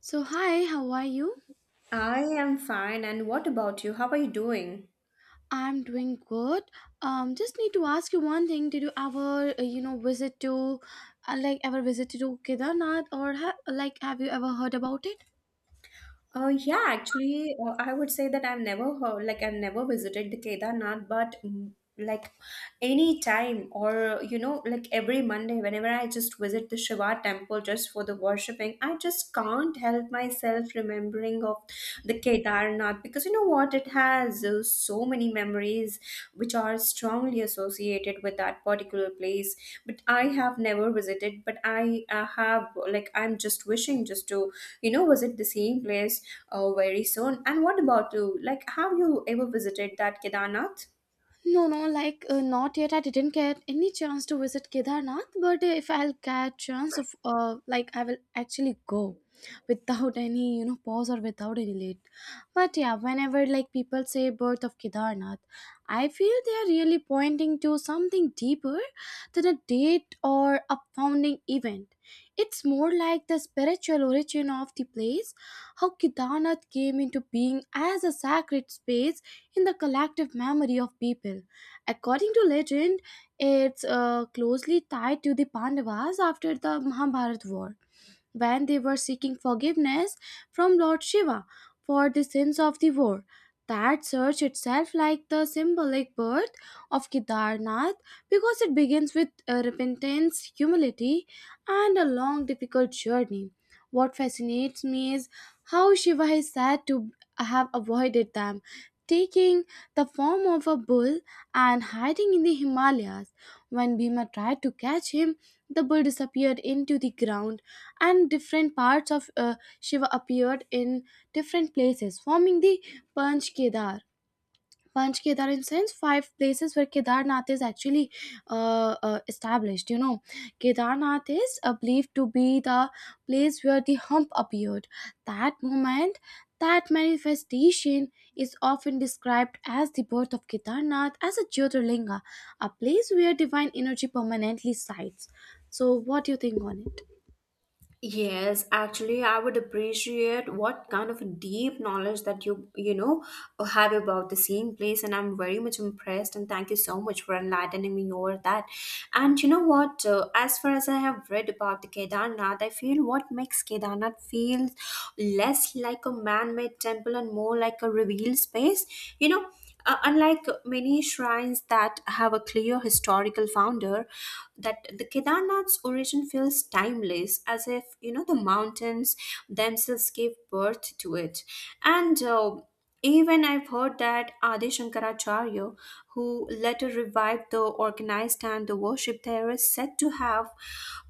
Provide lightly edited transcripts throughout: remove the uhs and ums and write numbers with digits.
So hi, how are you? I am fine, and what about you? How are you doing? I'm doing good. Just need to ask you one thing. Did you ever, visit to, like, ever visit to Kedarnath, or like, have you ever heard about it? Yeah, actually, I would say that I've never heard, like, I've never visited the Kedarnath, but like any time or you know, like every Monday, whenever I just visit the Shiva temple just for the worshipping, I just can't help myself remembering of the Kedarnath because you know what, it has so many memories which are strongly associated with that particular place. But I have never visited, but I have like I'm just wishing just to visit the same place very soon. And what about you? Like, have you ever visited that Kedarnath? No, like not yet. I didn't get any chance to visit Kedarnath, but if I'll get chance of, like I will actually go without any pause or without any late. But yeah, whenever like people say birth of Kedarnath, I feel they are really pointing to something deeper than a date or a founding event. It's more like the spiritual origin of the place, how Kedarnath came into being as a sacred space in the collective memory of people. According to legend, it's closely tied to the Pandavas after the Mahabharata war when they were seeking forgiveness from Lord Shiva for the sins of the war. That search itself, like the symbolic birth of Kedarnath, because it begins with repentance, humility, and a long, difficult journey. What fascinates me is how Shiva is said to have avoided them, taking the form of a bull and hiding in the Himalayas. When Bhima tried to catch him, the bull disappeared into the ground and different parts of Shiva appeared in different places, forming the Panch Kedar. Panch Kedar in sense five places where Kedarnath is actually established. You know, Kedarnath is believed to be the place where the hump appeared. That moment, that manifestation is often described as the birth of Kedarnath as a Jyotirlinga, a place where divine energy permanently resides. So, what do you think on it? Yes, actually, I would appreciate what kind of deep knowledge that you know have about the same place, and I'm very much impressed. And thank you so much for enlightening me over that. And you know what? As far as I have read about the Kedarnath, I feel what makes Kedarnath feel less like a man-made temple and more like a revealed space. You know. Unlike many shrines that have a clear historical founder, that the Kedarnath's origin feels timeless, as if you know the mountains themselves gave birth to it, and even I've heard that Adi Shankaracharya, who later revived the organized and the worship there, is said to have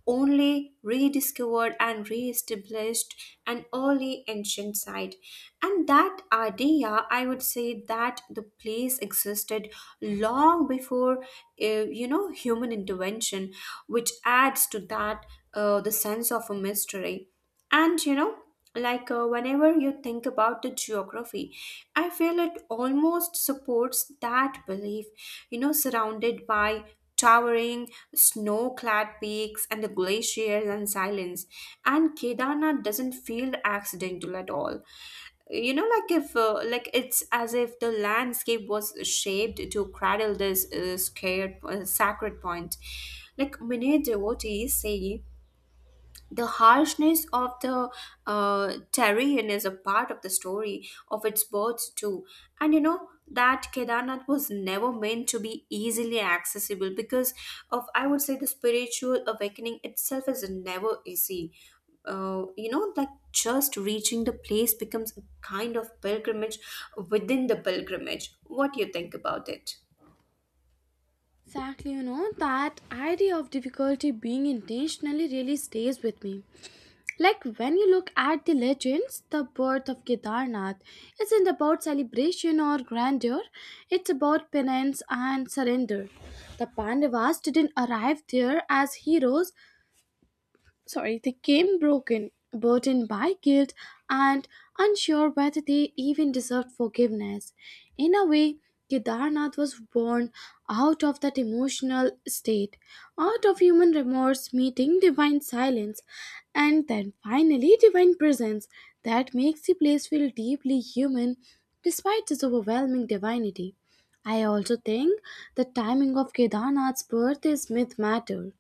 only rediscovered and re-established an early ancient site. And that idea, I would say that the place existed long before, you know, human intervention, which adds to that the sense of a mystery. And you know, like whenever you think about the geography, I feel it almost supports that belief, you know, surrounded by towering snow clad peaks and the glaciers and silence. And Kedarnath doesn't feel accidental at all, you know, like if like it's as if the landscape was shaped to cradle this scared sacred point, like many devotees say the harshness of the terrain is a part of the story of its birth too. And you know that Kedarnath was never meant to be easily accessible because of, I would say, the spiritual awakening itself is never easy. You know, like just reaching the place becomes a kind of pilgrimage within the pilgrimage. What do you think about it? Exactly, you know, that idea of difficulty being intentionally really stays with me. Like when you look at the legends, the birth of Kedarnath isn't about celebration or grandeur, it's about penance and surrender. The Pandavas didn't arrive there as heroes, sorry, they came broken, burdened by guilt, and unsure whether they even deserved forgiveness. In a way, Kedarnath was born out of that emotional state, out of human remorse meeting divine silence, and then finally divine presence that makes the place feel deeply human despite its overwhelming divinity. I also think the timing of Kedarnath's birth is myth matter.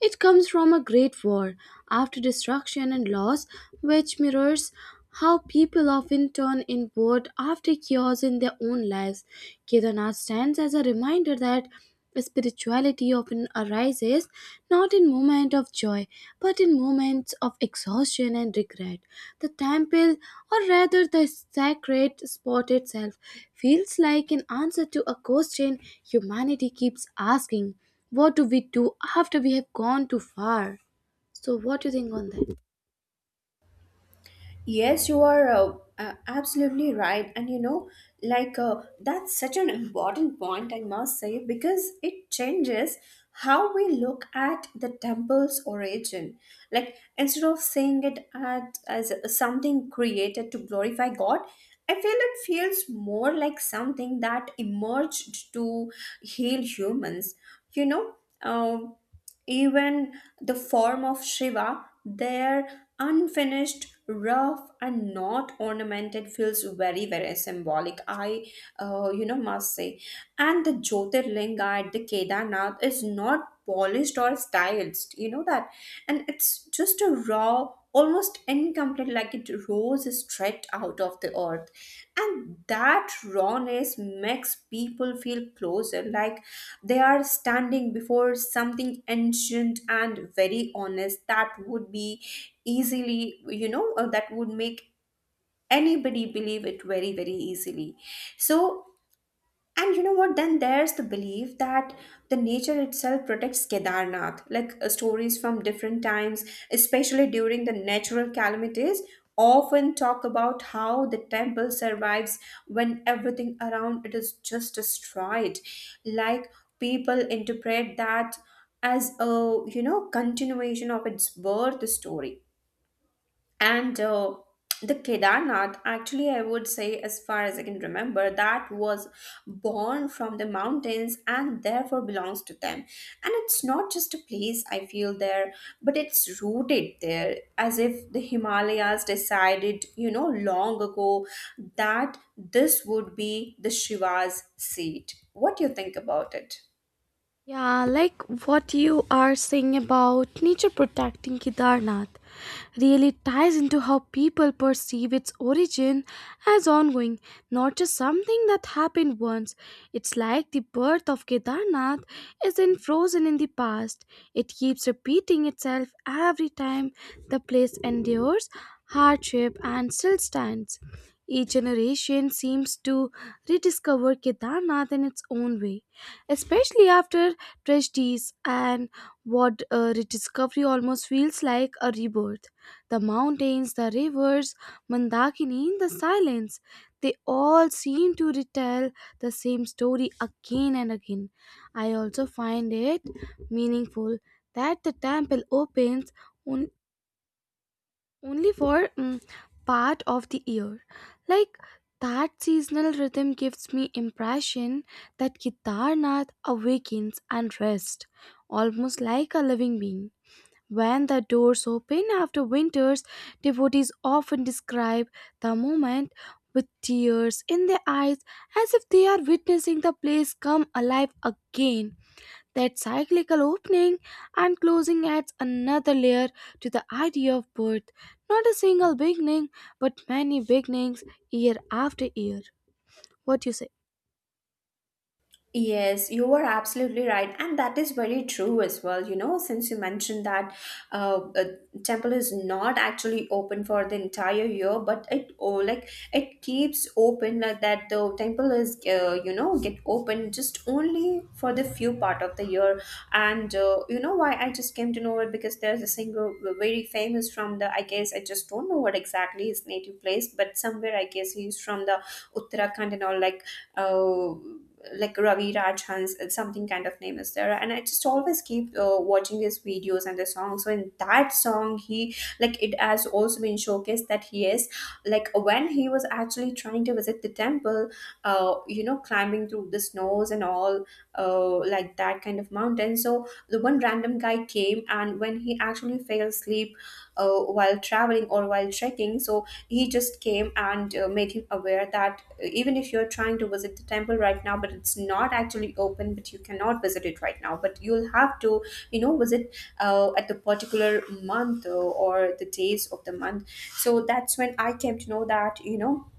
It comes from a great war, after destruction and loss, which mirrors how people often turn inward after chaos in their own lives. Kedarnath stands as a reminder that spirituality often arises not in moments of joy but in moments of exhaustion and regret. The temple, or rather the sacred spot itself, feels like an answer to a question humanity keeps asking. What do we do after we have gone too far? So, what do you think on that? Yes, you are absolutely right. And you know, like that's such an important point, I must say, because it changes how we look at the temple's origin. Like, instead of seeing it at, as something created to glorify God, I feel it feels more like something that emerged to heal humans. You know, um, even the form of Shiva, their unfinished, rough, and not ornamented feels very, very symbolic. I, you know, must say. And the Jyotirlinga at the Kedarnath is not polished or stylized. You know that. And it's just a raw, almost incomplete, like it rose straight out of the earth. And that rawness makes people feel closer, like they are standing before something ancient and very honest that would be easily, you know, that would make anybody believe it very, very easily. So, and you know what? Then there's the belief that the nature itself protects Kedarnath. Like stories from different times, especially during the natural calamities, often talk about how the temple survives when everything around it is just destroyed. Like people interpret that as a you know continuation of its birth story. And the Kedarnath, actually, I would say, as far as I can remember, that was born from the mountains and therefore belongs to them. And it's not just a place I feel there, but it's rooted there, as if the Himalayas decided, you know, long ago that this would be the Shiva's seat. What do you think about it? Yeah, like what you are saying about nature protecting Kedarnath really ties into how people perceive its origin as ongoing, not just something that happened once. It's like the birth of Kedarnath isn't frozen in the past, it keeps repeating itself every time the place endures hardship and still stands. Each generation seems to rediscover Kedarnath in its own way, especially after tragedies, and what a rediscovery almost feels like a rebirth. The mountains, the rivers, Mandakini, the silence, they all seem to retell the same story again and again. I also find it meaningful that the temple opens on, only for part of the year. Like that seasonal rhythm gives me impression that Kedarnath awakens and rests, almost like a living being. When the doors open after winters, devotees often describe the moment with tears in their eyes as if they are witnessing the place come alive again. That cyclical opening and closing adds another layer to the idea of birth. Not a single beginning, but many beginnings year after year. What do you say? Yes, you are absolutely right, and that is very true as well. You know, since you mentioned that a temple is not actually open for the entire year, but it oh, like it keeps open like that. The temple is you know get open just only for the few part of the year, and you know why I just came to know it, because there's a singer very famous from the I guess I just don't know what exactly his native place, but somewhere I guess he's from the Uttarakhand and all like. Uh, like Ravi Rajhans, something kind of name is there. And I just always keep watching his videos and the songs. So in that song, he like it has also been showcased that he is like when he was actually trying to visit the temple, you know, climbing through the snows and all, like that kind of mountain. So the one random guy came, and when he actually fell asleep, while traveling or while trekking. So he just came and made him aware that even if you're trying to visit the temple right now, but it's not actually open, but you cannot visit it right now, but you'll have to, you know, visit at the particular month or the days of the month. So that's when I came to know that, you know,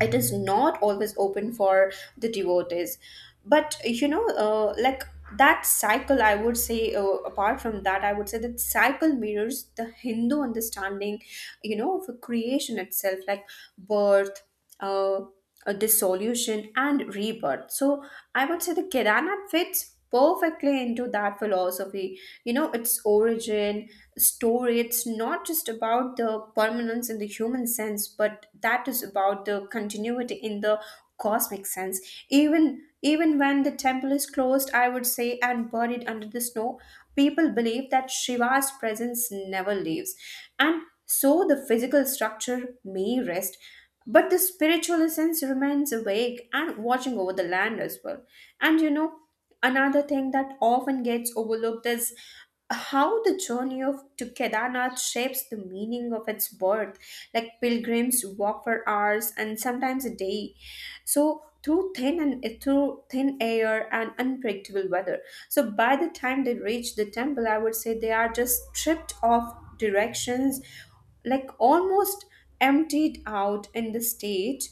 it is not always open for the devotees, but you know, like that cycle, I would say, apart from that, I would say that cycle mirrors the Hindu understanding, you know, of creation itself, like birth, uh, dissolution and rebirth. So I would say the Kirana fits perfectly into that philosophy. You know, its origin, story, it's not just about the permanence in the human sense, but that is about the continuity in the cosmic sense. Even when the temple is closed, I would say, and buried under the snow, people believe that Shiva's presence never leaves. And so the physical structure may rest, but the spiritual essence remains awake and watching over the land as well. And you know, another thing that often gets overlooked is how the journey of to Kedarnath shapes the meaning of its birth. Like pilgrims walk for hours and sometimes a day, so through thin and through thin air and unpredictable weather. So by the time they reach the temple, I would say they are just stripped of directions, like almost emptied out in the stage.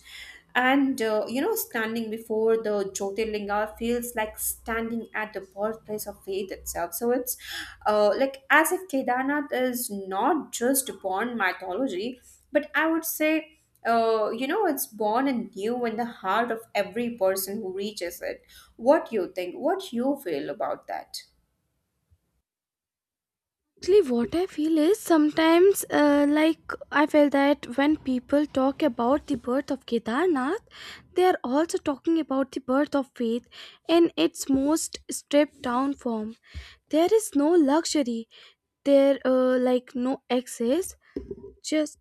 And you know, standing before the Jyotirlinga feels like standing at the birthplace of faith itself. So it's like as if Kedarnath is not just upon mythology, but I would say, you know, it's born and new in the heart of every person who reaches it. What you think, what you feel about that? Actually, what I feel is sometimes, like I feel that when people talk about the birth of Kedarnath, they are also talking about the birth of faith in its most stripped down form. There is no luxury, there like no excess, just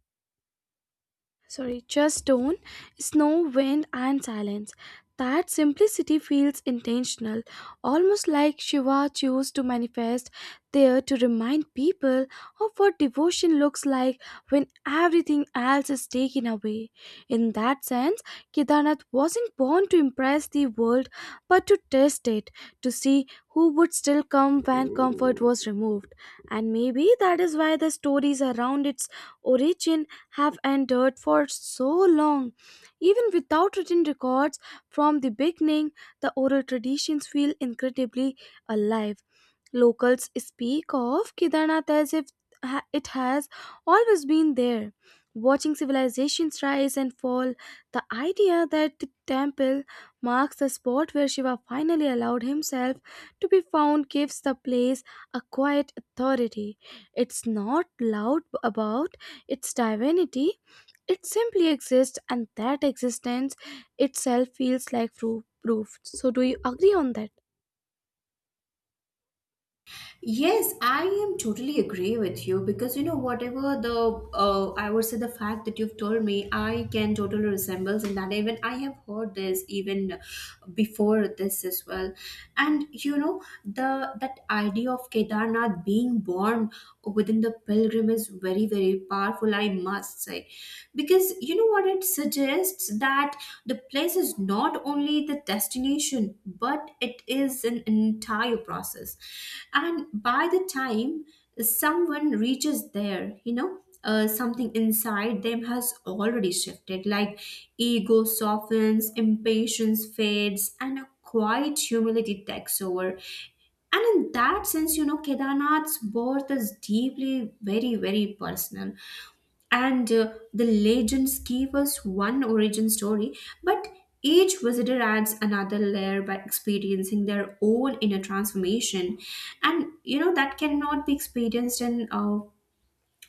sorry, just stone, snow, wind, and silence. That simplicity feels intentional, almost like Shiva chose to manifest there to remind people of what devotion looks like when everything else is taken away. In that sense, Kedarnath wasn't born to impress the world but to test it, to see who would still come when comfort was removed. And maybe that is why the stories around its origin have endured for so long. Even without written records from the beginning, the oral traditions feel incredibly alive. Locals speak of Kedarnath as if it has always been there. Watching civilizations rise and fall, the idea that the temple marks the spot where Shiva finally allowed himself to be found gives the place a quiet authority. It's not loud about its divinity, it simply exists, and that existence itself feels like proof. So, do you agree on that? Yes, I am totally agree with you, because you know whatever the I would say the fact that you've told me I can totally resembles in that. Even I have heard this even before this as well. And you know the that idea of Kedarnath being born within the pilgrim is very, very powerful, I must say, because you know what, it suggests that the place is not only the destination, but it is an entire process. And by the time someone reaches there, you know, something inside them has already shifted. Like ego softens, impatience fades, and a quiet humility takes over. And in that sense, you know, Kedarnath's birth is deeply very, very personal. And the legends gave us one origin story, but each visitor adds another layer by experiencing their own inner transformation. And you know, that cannot be experienced in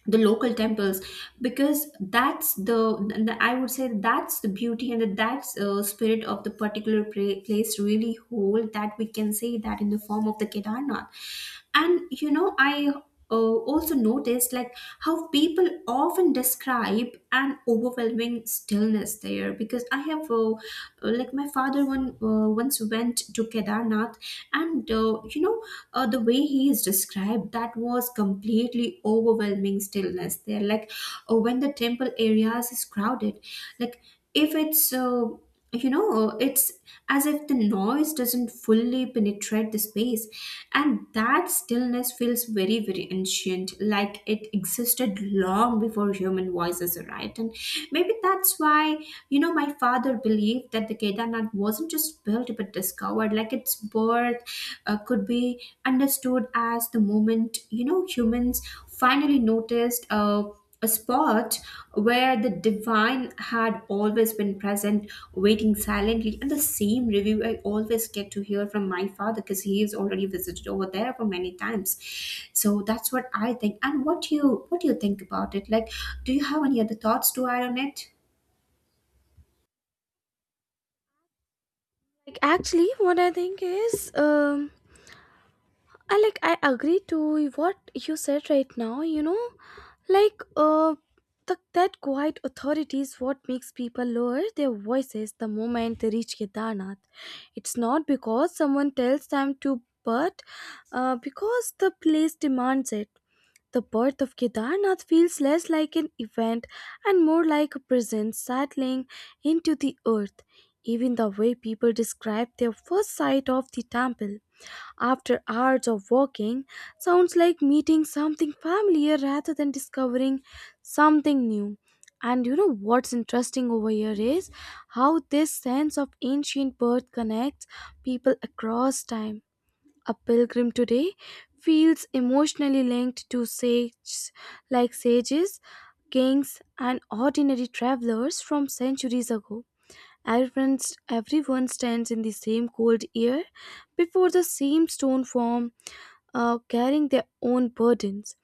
the local temples, because that's the I would say that's the beauty, and that's spirit of the particular place really hold that we can say that in the form of the Kedarnath. And you know, I also noticed like how people often describe an overwhelming stillness there, because I have like my father one once went to Kedarnath. And you know, the way he is described, that was completely overwhelming stillness there. Like when the temple areas is crowded, like if it's you know, it's as if the noise doesn't fully penetrate the space. And that stillness feels very, very ancient, like it existed long before human voices arrived. And maybe that's why, you know, my father believed that the Kedarnath wasn't just built but discovered. Like its birth could be understood as the moment, you know, humans finally noticed a spot where the divine had always been present, waiting silently. And the same review I always get to hear from my father, because he has already visited over there for many times. So that's what I think. And what do you think about it? Like, do you have any other thoughts to add on it? Like, actually, what I think is, I I agree to what you said right now. You know, like uh, that quiet authority is what makes people lower their voices the moment they reach Kedarnath. It's not because someone tells them to, but because the place demands it. The birth of Kedarnath feels less like an event and more like a presence settling into the earth. Even the way people describe their first sight of the temple after hours of walking sounds like meeting something familiar rather than discovering something new. And you know what's interesting over here is how this sense of ancient birth connects people across time, a pilgrim today feels emotionally linked to sages, kings, and ordinary travelers from centuries ago. Everyone, everyone stands in the same cold air before the same stone form, carrying their own burdens.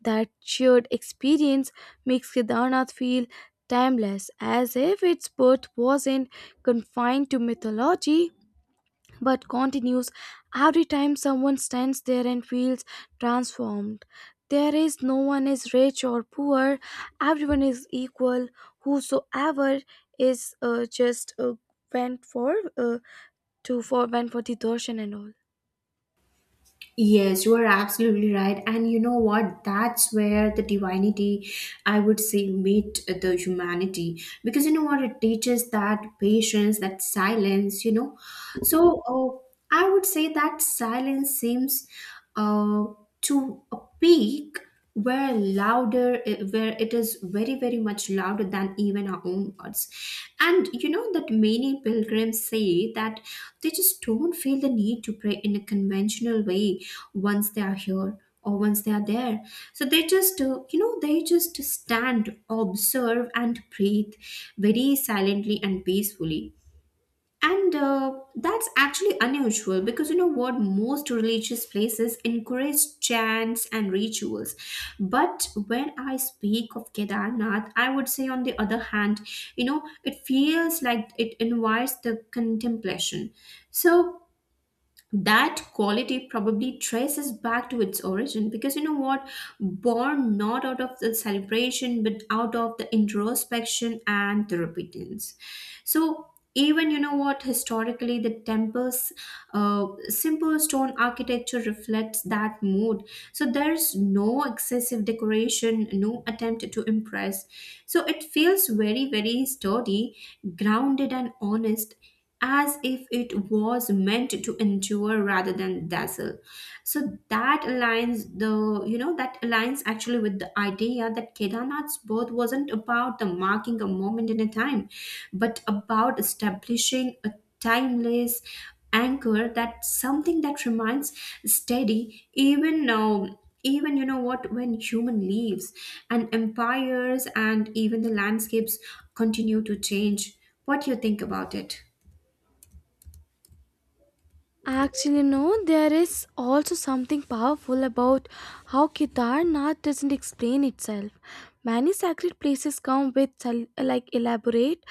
That shared experience makes Kedarnath feel timeless, as if its birth wasn't confined to mythology but continues every time someone stands there and feels transformed. There is no one is rich or poor, everyone is equal, whosoever is just went for to for went for the darshan and all. Yes, you are absolutely right. And you know what? That's where the divinity, I would say, meet the humanity. Because you know what? It teaches that patience, that silence, you know. So uh, I would say that silence seems uh, to a peak where louder where it is very very much louder than even our own words. And you know that many pilgrims say that they just don't feel the need to pray in a conventional way once they are here or once they are there. So they just they just stand, observe and breathe very silently and peacefully. And that's actually unusual, because you know what? Most religious places encourage chants and rituals. But when I speak of Kedarnath, I would say, on the other hand, you know, it feels like it invites the contemplation. So that quality probably traces back to its origin, because you know what, born not out of the celebration but out of the introspection and the repentance. So even, you know what, historically the temple's simple stone architecture reflects that mood. So there's no excessive decoration, no attempt to impress. So it feels very very sturdy, grounded and honest, as if it was meant to endure rather than dazzle. So that aligns actually with the idea that Kedarnath's birth wasn't about the marking a moment in a time, but about establishing a timeless anchor, that something that remains steady even now, even you know what, when human leaves and empires and even the landscapes continue to change. What do you think about it? Actually, no, there is also something powerful about how Kedarnath doesn't explain itself. Many sacred places come with like elaborate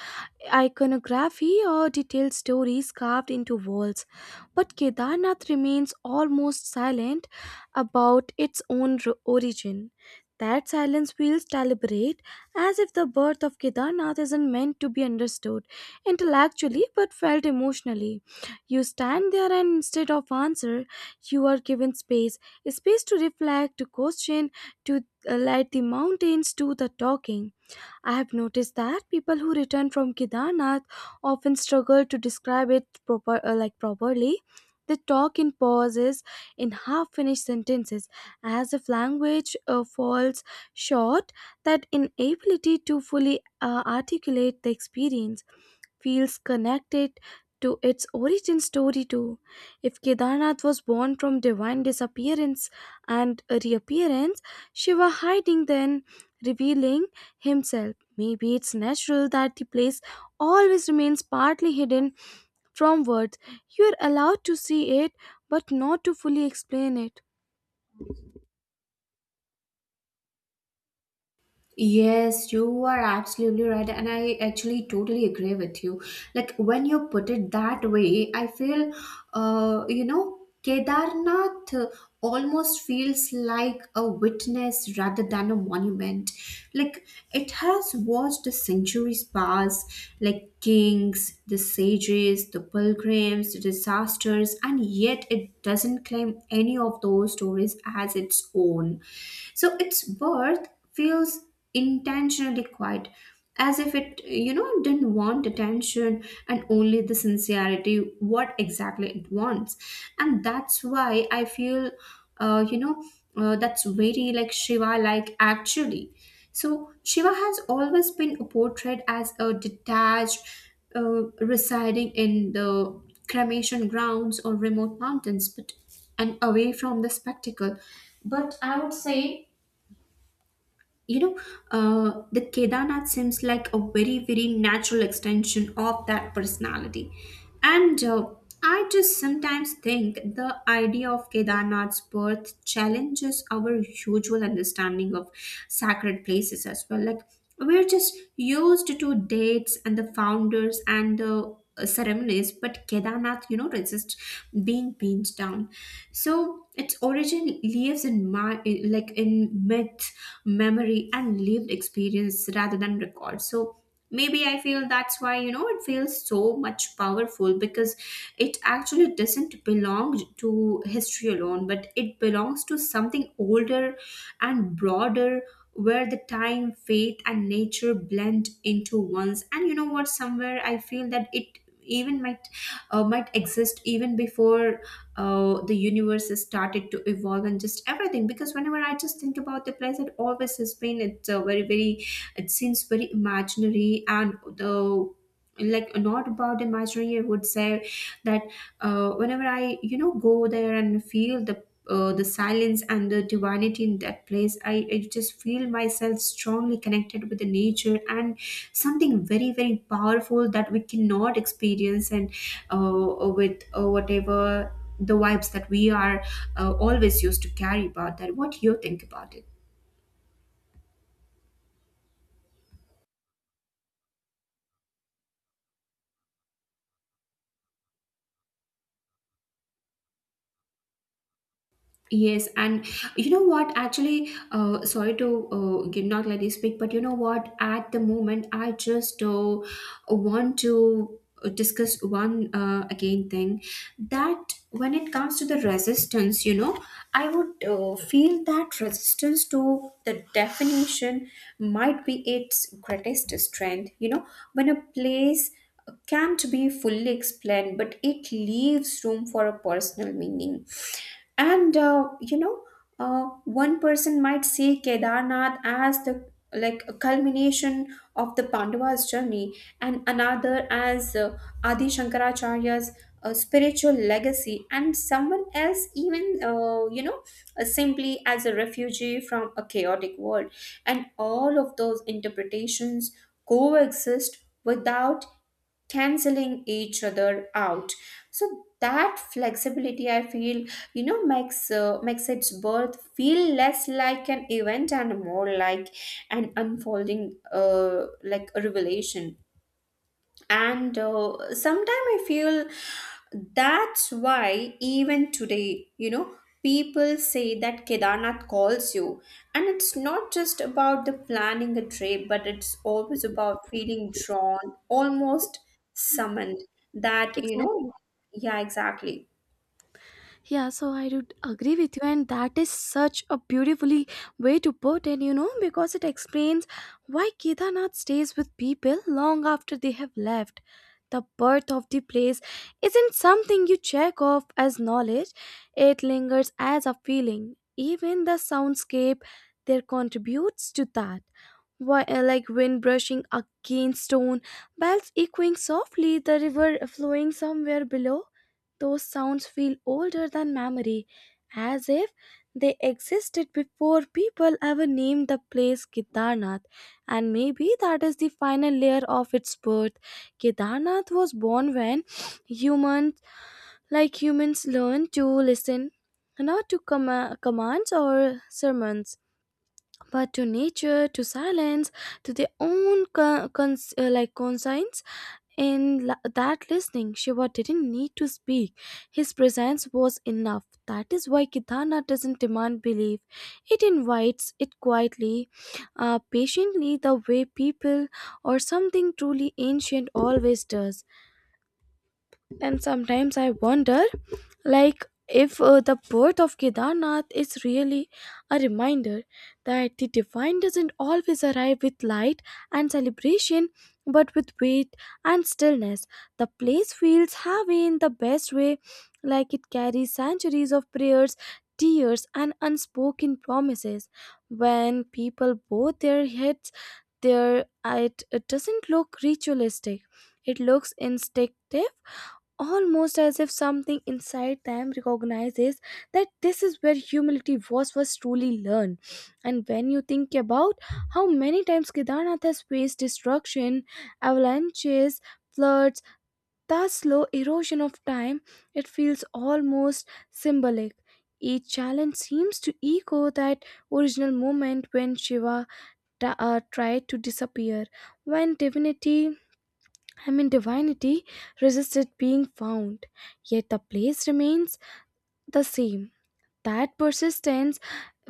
iconography or detailed stories carved into walls, but Kedarnath remains almost silent about its own origin. That silence feels deliberate, as if the birth of Kedarnath isn't meant to be understood intellectually but felt emotionally. You stand there and instead of answer, you are given space. Space to reflect, to question, to let the mountains do the talking. I have noticed that people who return from Kedarnath often struggle to describe it properly. They talk in pauses, in half-finished sentences, as if language falls short. That inability to fully articulate the experience feels connected to its origin story too. If Kedarnath was born from divine disappearance and reappearance, Shiva hiding then revealing himself. Maybe it's natural that the place always remains partly hidden from words. You are allowed to see it, but not to fully explain it. Yes, you are absolutely right, and I actually totally agree with you. Like when you put it that way, I feel, you know, Kedarnath almost feels like a witness rather than a monument. Like it has watched the centuries pass, like kings, the sages, the pilgrims, the disasters, and yet it doesn't claim any of those stories as its own. So its birth feels intentionally quiet, as if it, you know, didn't want attention, and only the sincerity what exactly it wants. And that's why I feel uh, you know that's very like Shiva like actually. So Shiva has always been portrayed as a detached, uh, residing in the cremation grounds or remote mountains, but and away from the spectacle. But I would say, you know, the Kedarnath seems like a very very natural extension of that personality. And I just sometimes think the idea of Kedarnath's birth challenges our usual understanding of sacred places as well. Like we're just used to dates and the founders and the ceremonies, but Kedarnath, you know, resists being pinned down. So its origin lives in my like in myth, memory and lived experience rather than record. So maybe I feel that's why, you know, it feels so much powerful, because it actually doesn't belong to history alone, but it belongs to something older and broader, where the time, faith and nature blend into ones. And you know what, somewhere I feel that it even might exist even before the universe has started to evolve and just everything, because whenever I just think about the place, it always has been. It's a very very, it seems very imaginary and the like not about imaginary, I would say. That whenever I, you know, go there and feel the silence and the divinity in that place, I just feel myself strongly connected with the nature and something very very powerful that we cannot experience. And with whatever the vibes that we are always used to carry about that. What you think about it? Yes, and you know what? Actually, sorry to get- not let you speak, but you know what? At the moment, I just want to discuss one again thing, that when it comes to the resistance, you know, I would feel that resistance to the definition might be its greatest strength. You know, when a place can't be fully explained, but it leaves room for a personal meaning. And one person might see Kedarnath as the like a culmination of the Pandavas journey, and another as Adi Shankaracharya's spiritual legacy, and someone else even, uh, you know simply as a refugee from a chaotic world. And all of those interpretations coexist without canceling each other out. So that flexibility, I feel, you know, makes makes its birth feel less like an event and more like an unfolding, like a revelation. And sometimes I feel that's why even today, you know, people say that Kedarnath calls you. And it's not just about the planning a trip, but it's always about feeling drawn, almost summoned, that you know. Exactly. Yeah, exactly. Yeah, so I do agree with you, and that is such a beautifully way to put it, you know, because it explains why Kedarnath stays with people long after they have left. The birth of the place isn't something you check off as knowledge, it lingers as a feeling. Even the soundscape there contributes to that. Why, like Wind brushing against stone, bells echoing softly, the river flowing somewhere below. Those sounds feel older than memory, as if they existed before people ever named the place Kedarnath. And maybe that is the final layer of its birth. Kedarnath was born when humans, humans learned to listen, not to commands or sermons but to nature, to silence, to their own conscience. In that listening Shiva didn't need to speak, his presence was enough. That is why Kidana doesn't demand belief. It invites it quietly, patiently, the way people or something truly ancient always does. And sometimes I wonder, like, if the birth of Kedarnath is really a reminder that the divine doesn't always arrive with light and celebration, but with wait and stillness. The place feels heavy in the best way, like it carries centuries of prayers, tears, and unspoken promises. When people bow their heads, there it doesn't look ritualistic. It looks instinctive, almost as if something inside them recognizes that this is where humility was first truly learned. And when you think about how many times Kedarnath has faced destruction, avalanches, floods, the slow erosion of time, it feels almost symbolic. Each challenge seems to echo that original moment when Shiva tried to disappear, when divinity resisted being found, yet the place remains the same. That persistence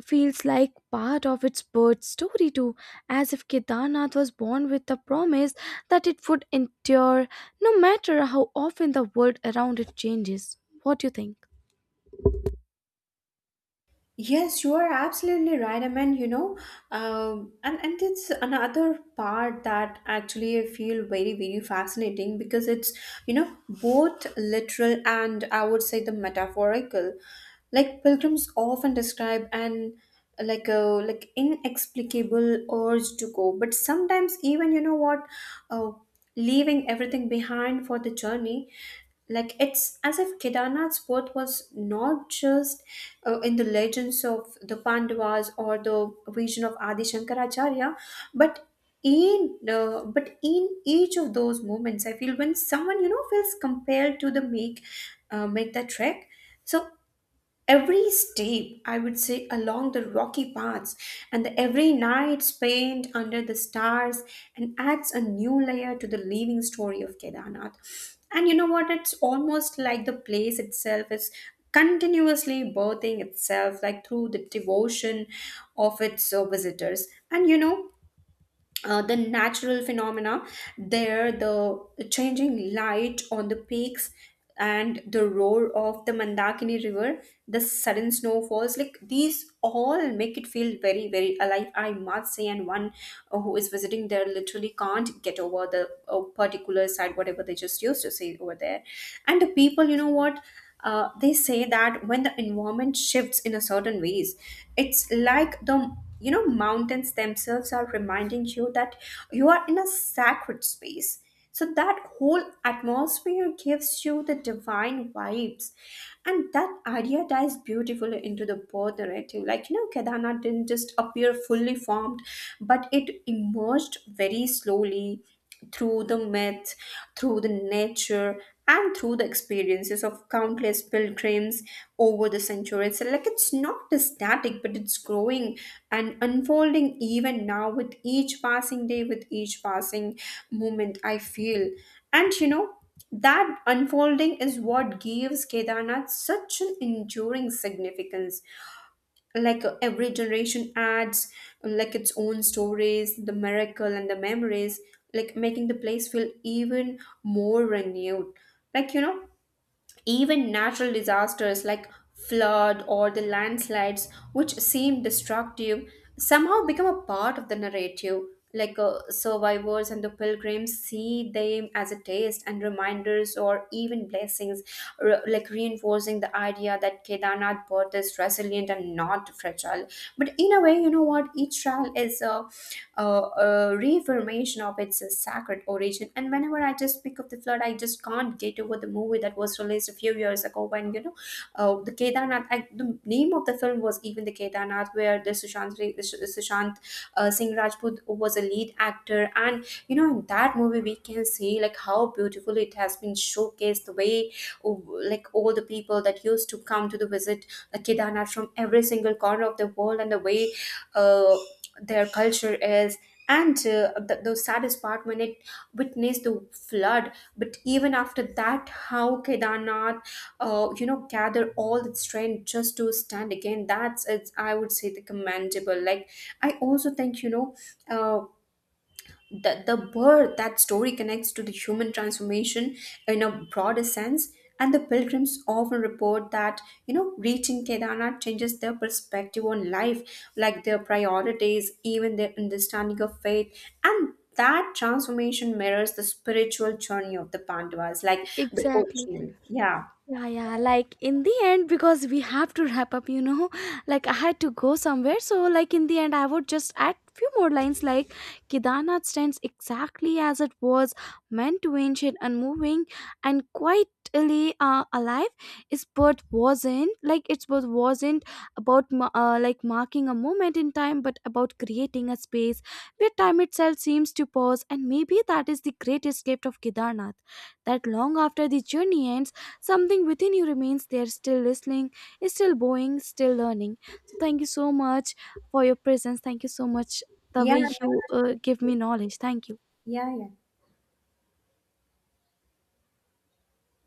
feels like part of its birth story, too, as if Kedarnath was born with the promise that it would endure no matter how often the world around it changes. What do you think? Yes, you are absolutely right. I mean, you know, and it's another part that actually I feel very very fascinating, because it's, you know, both literal and I would say the metaphorical. Like pilgrims often describe an, like a, like inexplicable urge to go, but sometimes even, you know what, uh, leaving everything behind for the journey. Like it's as if Kedarnath's birth was not just in the legends of the Pandavas or the vision of Adi Shankaracharya, but but in each of those moments, I feel, when someone, you know, feels compelled to the make make that trek. So every step, I would say, along the rocky paths and every night spent under the stars, and adds a new layer to the living story of Kedarnath. And you know what, it's almost like the place itself is continuously birthing itself, like through the devotion of its visitors, and you know, the natural phenomena there, the changing light on the peaks and the roar of the Mandakini river, the sudden snowfalls, like these all make it feel very very alive, I must say. And one who is visiting there literally can't get over the particular side whatever they just used to say over there. And the people, you know what, they say that when the environment shifts in a certain ways, it's like the, you know, mountains themselves are reminding you that you are in a sacred space. So that whole atmosphere gives you the divine vibes. And that idea ties beautifully into the birth narrative. Like, you know, Kedarnath didn't just appear fully formed, but it emerged very slowly, through the myth, through the nature, and through the experiences of countless pilgrims over the centuries. So, like it's not static, but it's growing and unfolding even now, with each passing day, with each passing moment, I feel. And you know, that unfolding is what gives Kedarnath such an enduring significance. Like every generation adds like its own stories, the miracle and the memories, like making the place feel even more renewed. Like, you know, even natural disasters like flood or the landslides, which seem destructive, somehow become a part of the narrative. Like survivors and the pilgrims see them as a test and reminders or even blessings, re- like reinforcing the idea that Kedarnath birth is resilient and not fragile. But in a way, you know what? Each trial is a reaffirmation of its sacred origin. And whenever I just pick up the flood, I just can't get over the movie that was released a few years ago, when, you know, the Kedarnath. I, the name of the film was even the Kedarnath, where the Sushant Sri- Sushant Singh Rajput was a lead actor. And you know, in that movie we can see like how beautiful it has been showcased, the way, oh, like all the people that used to come to the visit Kedarnath from every single corner of the world, and the way uh, their culture is. And the saddest part when it witnessed the flood, but even after that, how Kedarnath you know, gather all the strength just to stand again. That's, it's, I would say, the commendable. Like I also think, you know, uh, the birth that story connects to the human transformation in a broader sense. And the pilgrims often report that, you know, reaching Kedarnath changes their perspective on life, like their priorities, even their understanding of faith. And that transformation mirrors the spiritual journey of the Pandavas, like the Exactly. original. yeah Yeah. Like in the end, because we have to wrap up, you know, like I had to go somewhere. So, like in the end, I would just add few more lines like Kedarnath stands exactly as it was meant to, ancient and moving and quietly alive. Its birth wasn't about marking a moment in time, but about creating a space where time itself seems to pause. And maybe that is the greatest gift of Kedarnath, that long after the journey ends something within you remains there, still listening, is still going, still learning. So thank you so much for your presence. Thank you so much the yeah way you give me knowledge. Thank you. yeah yeah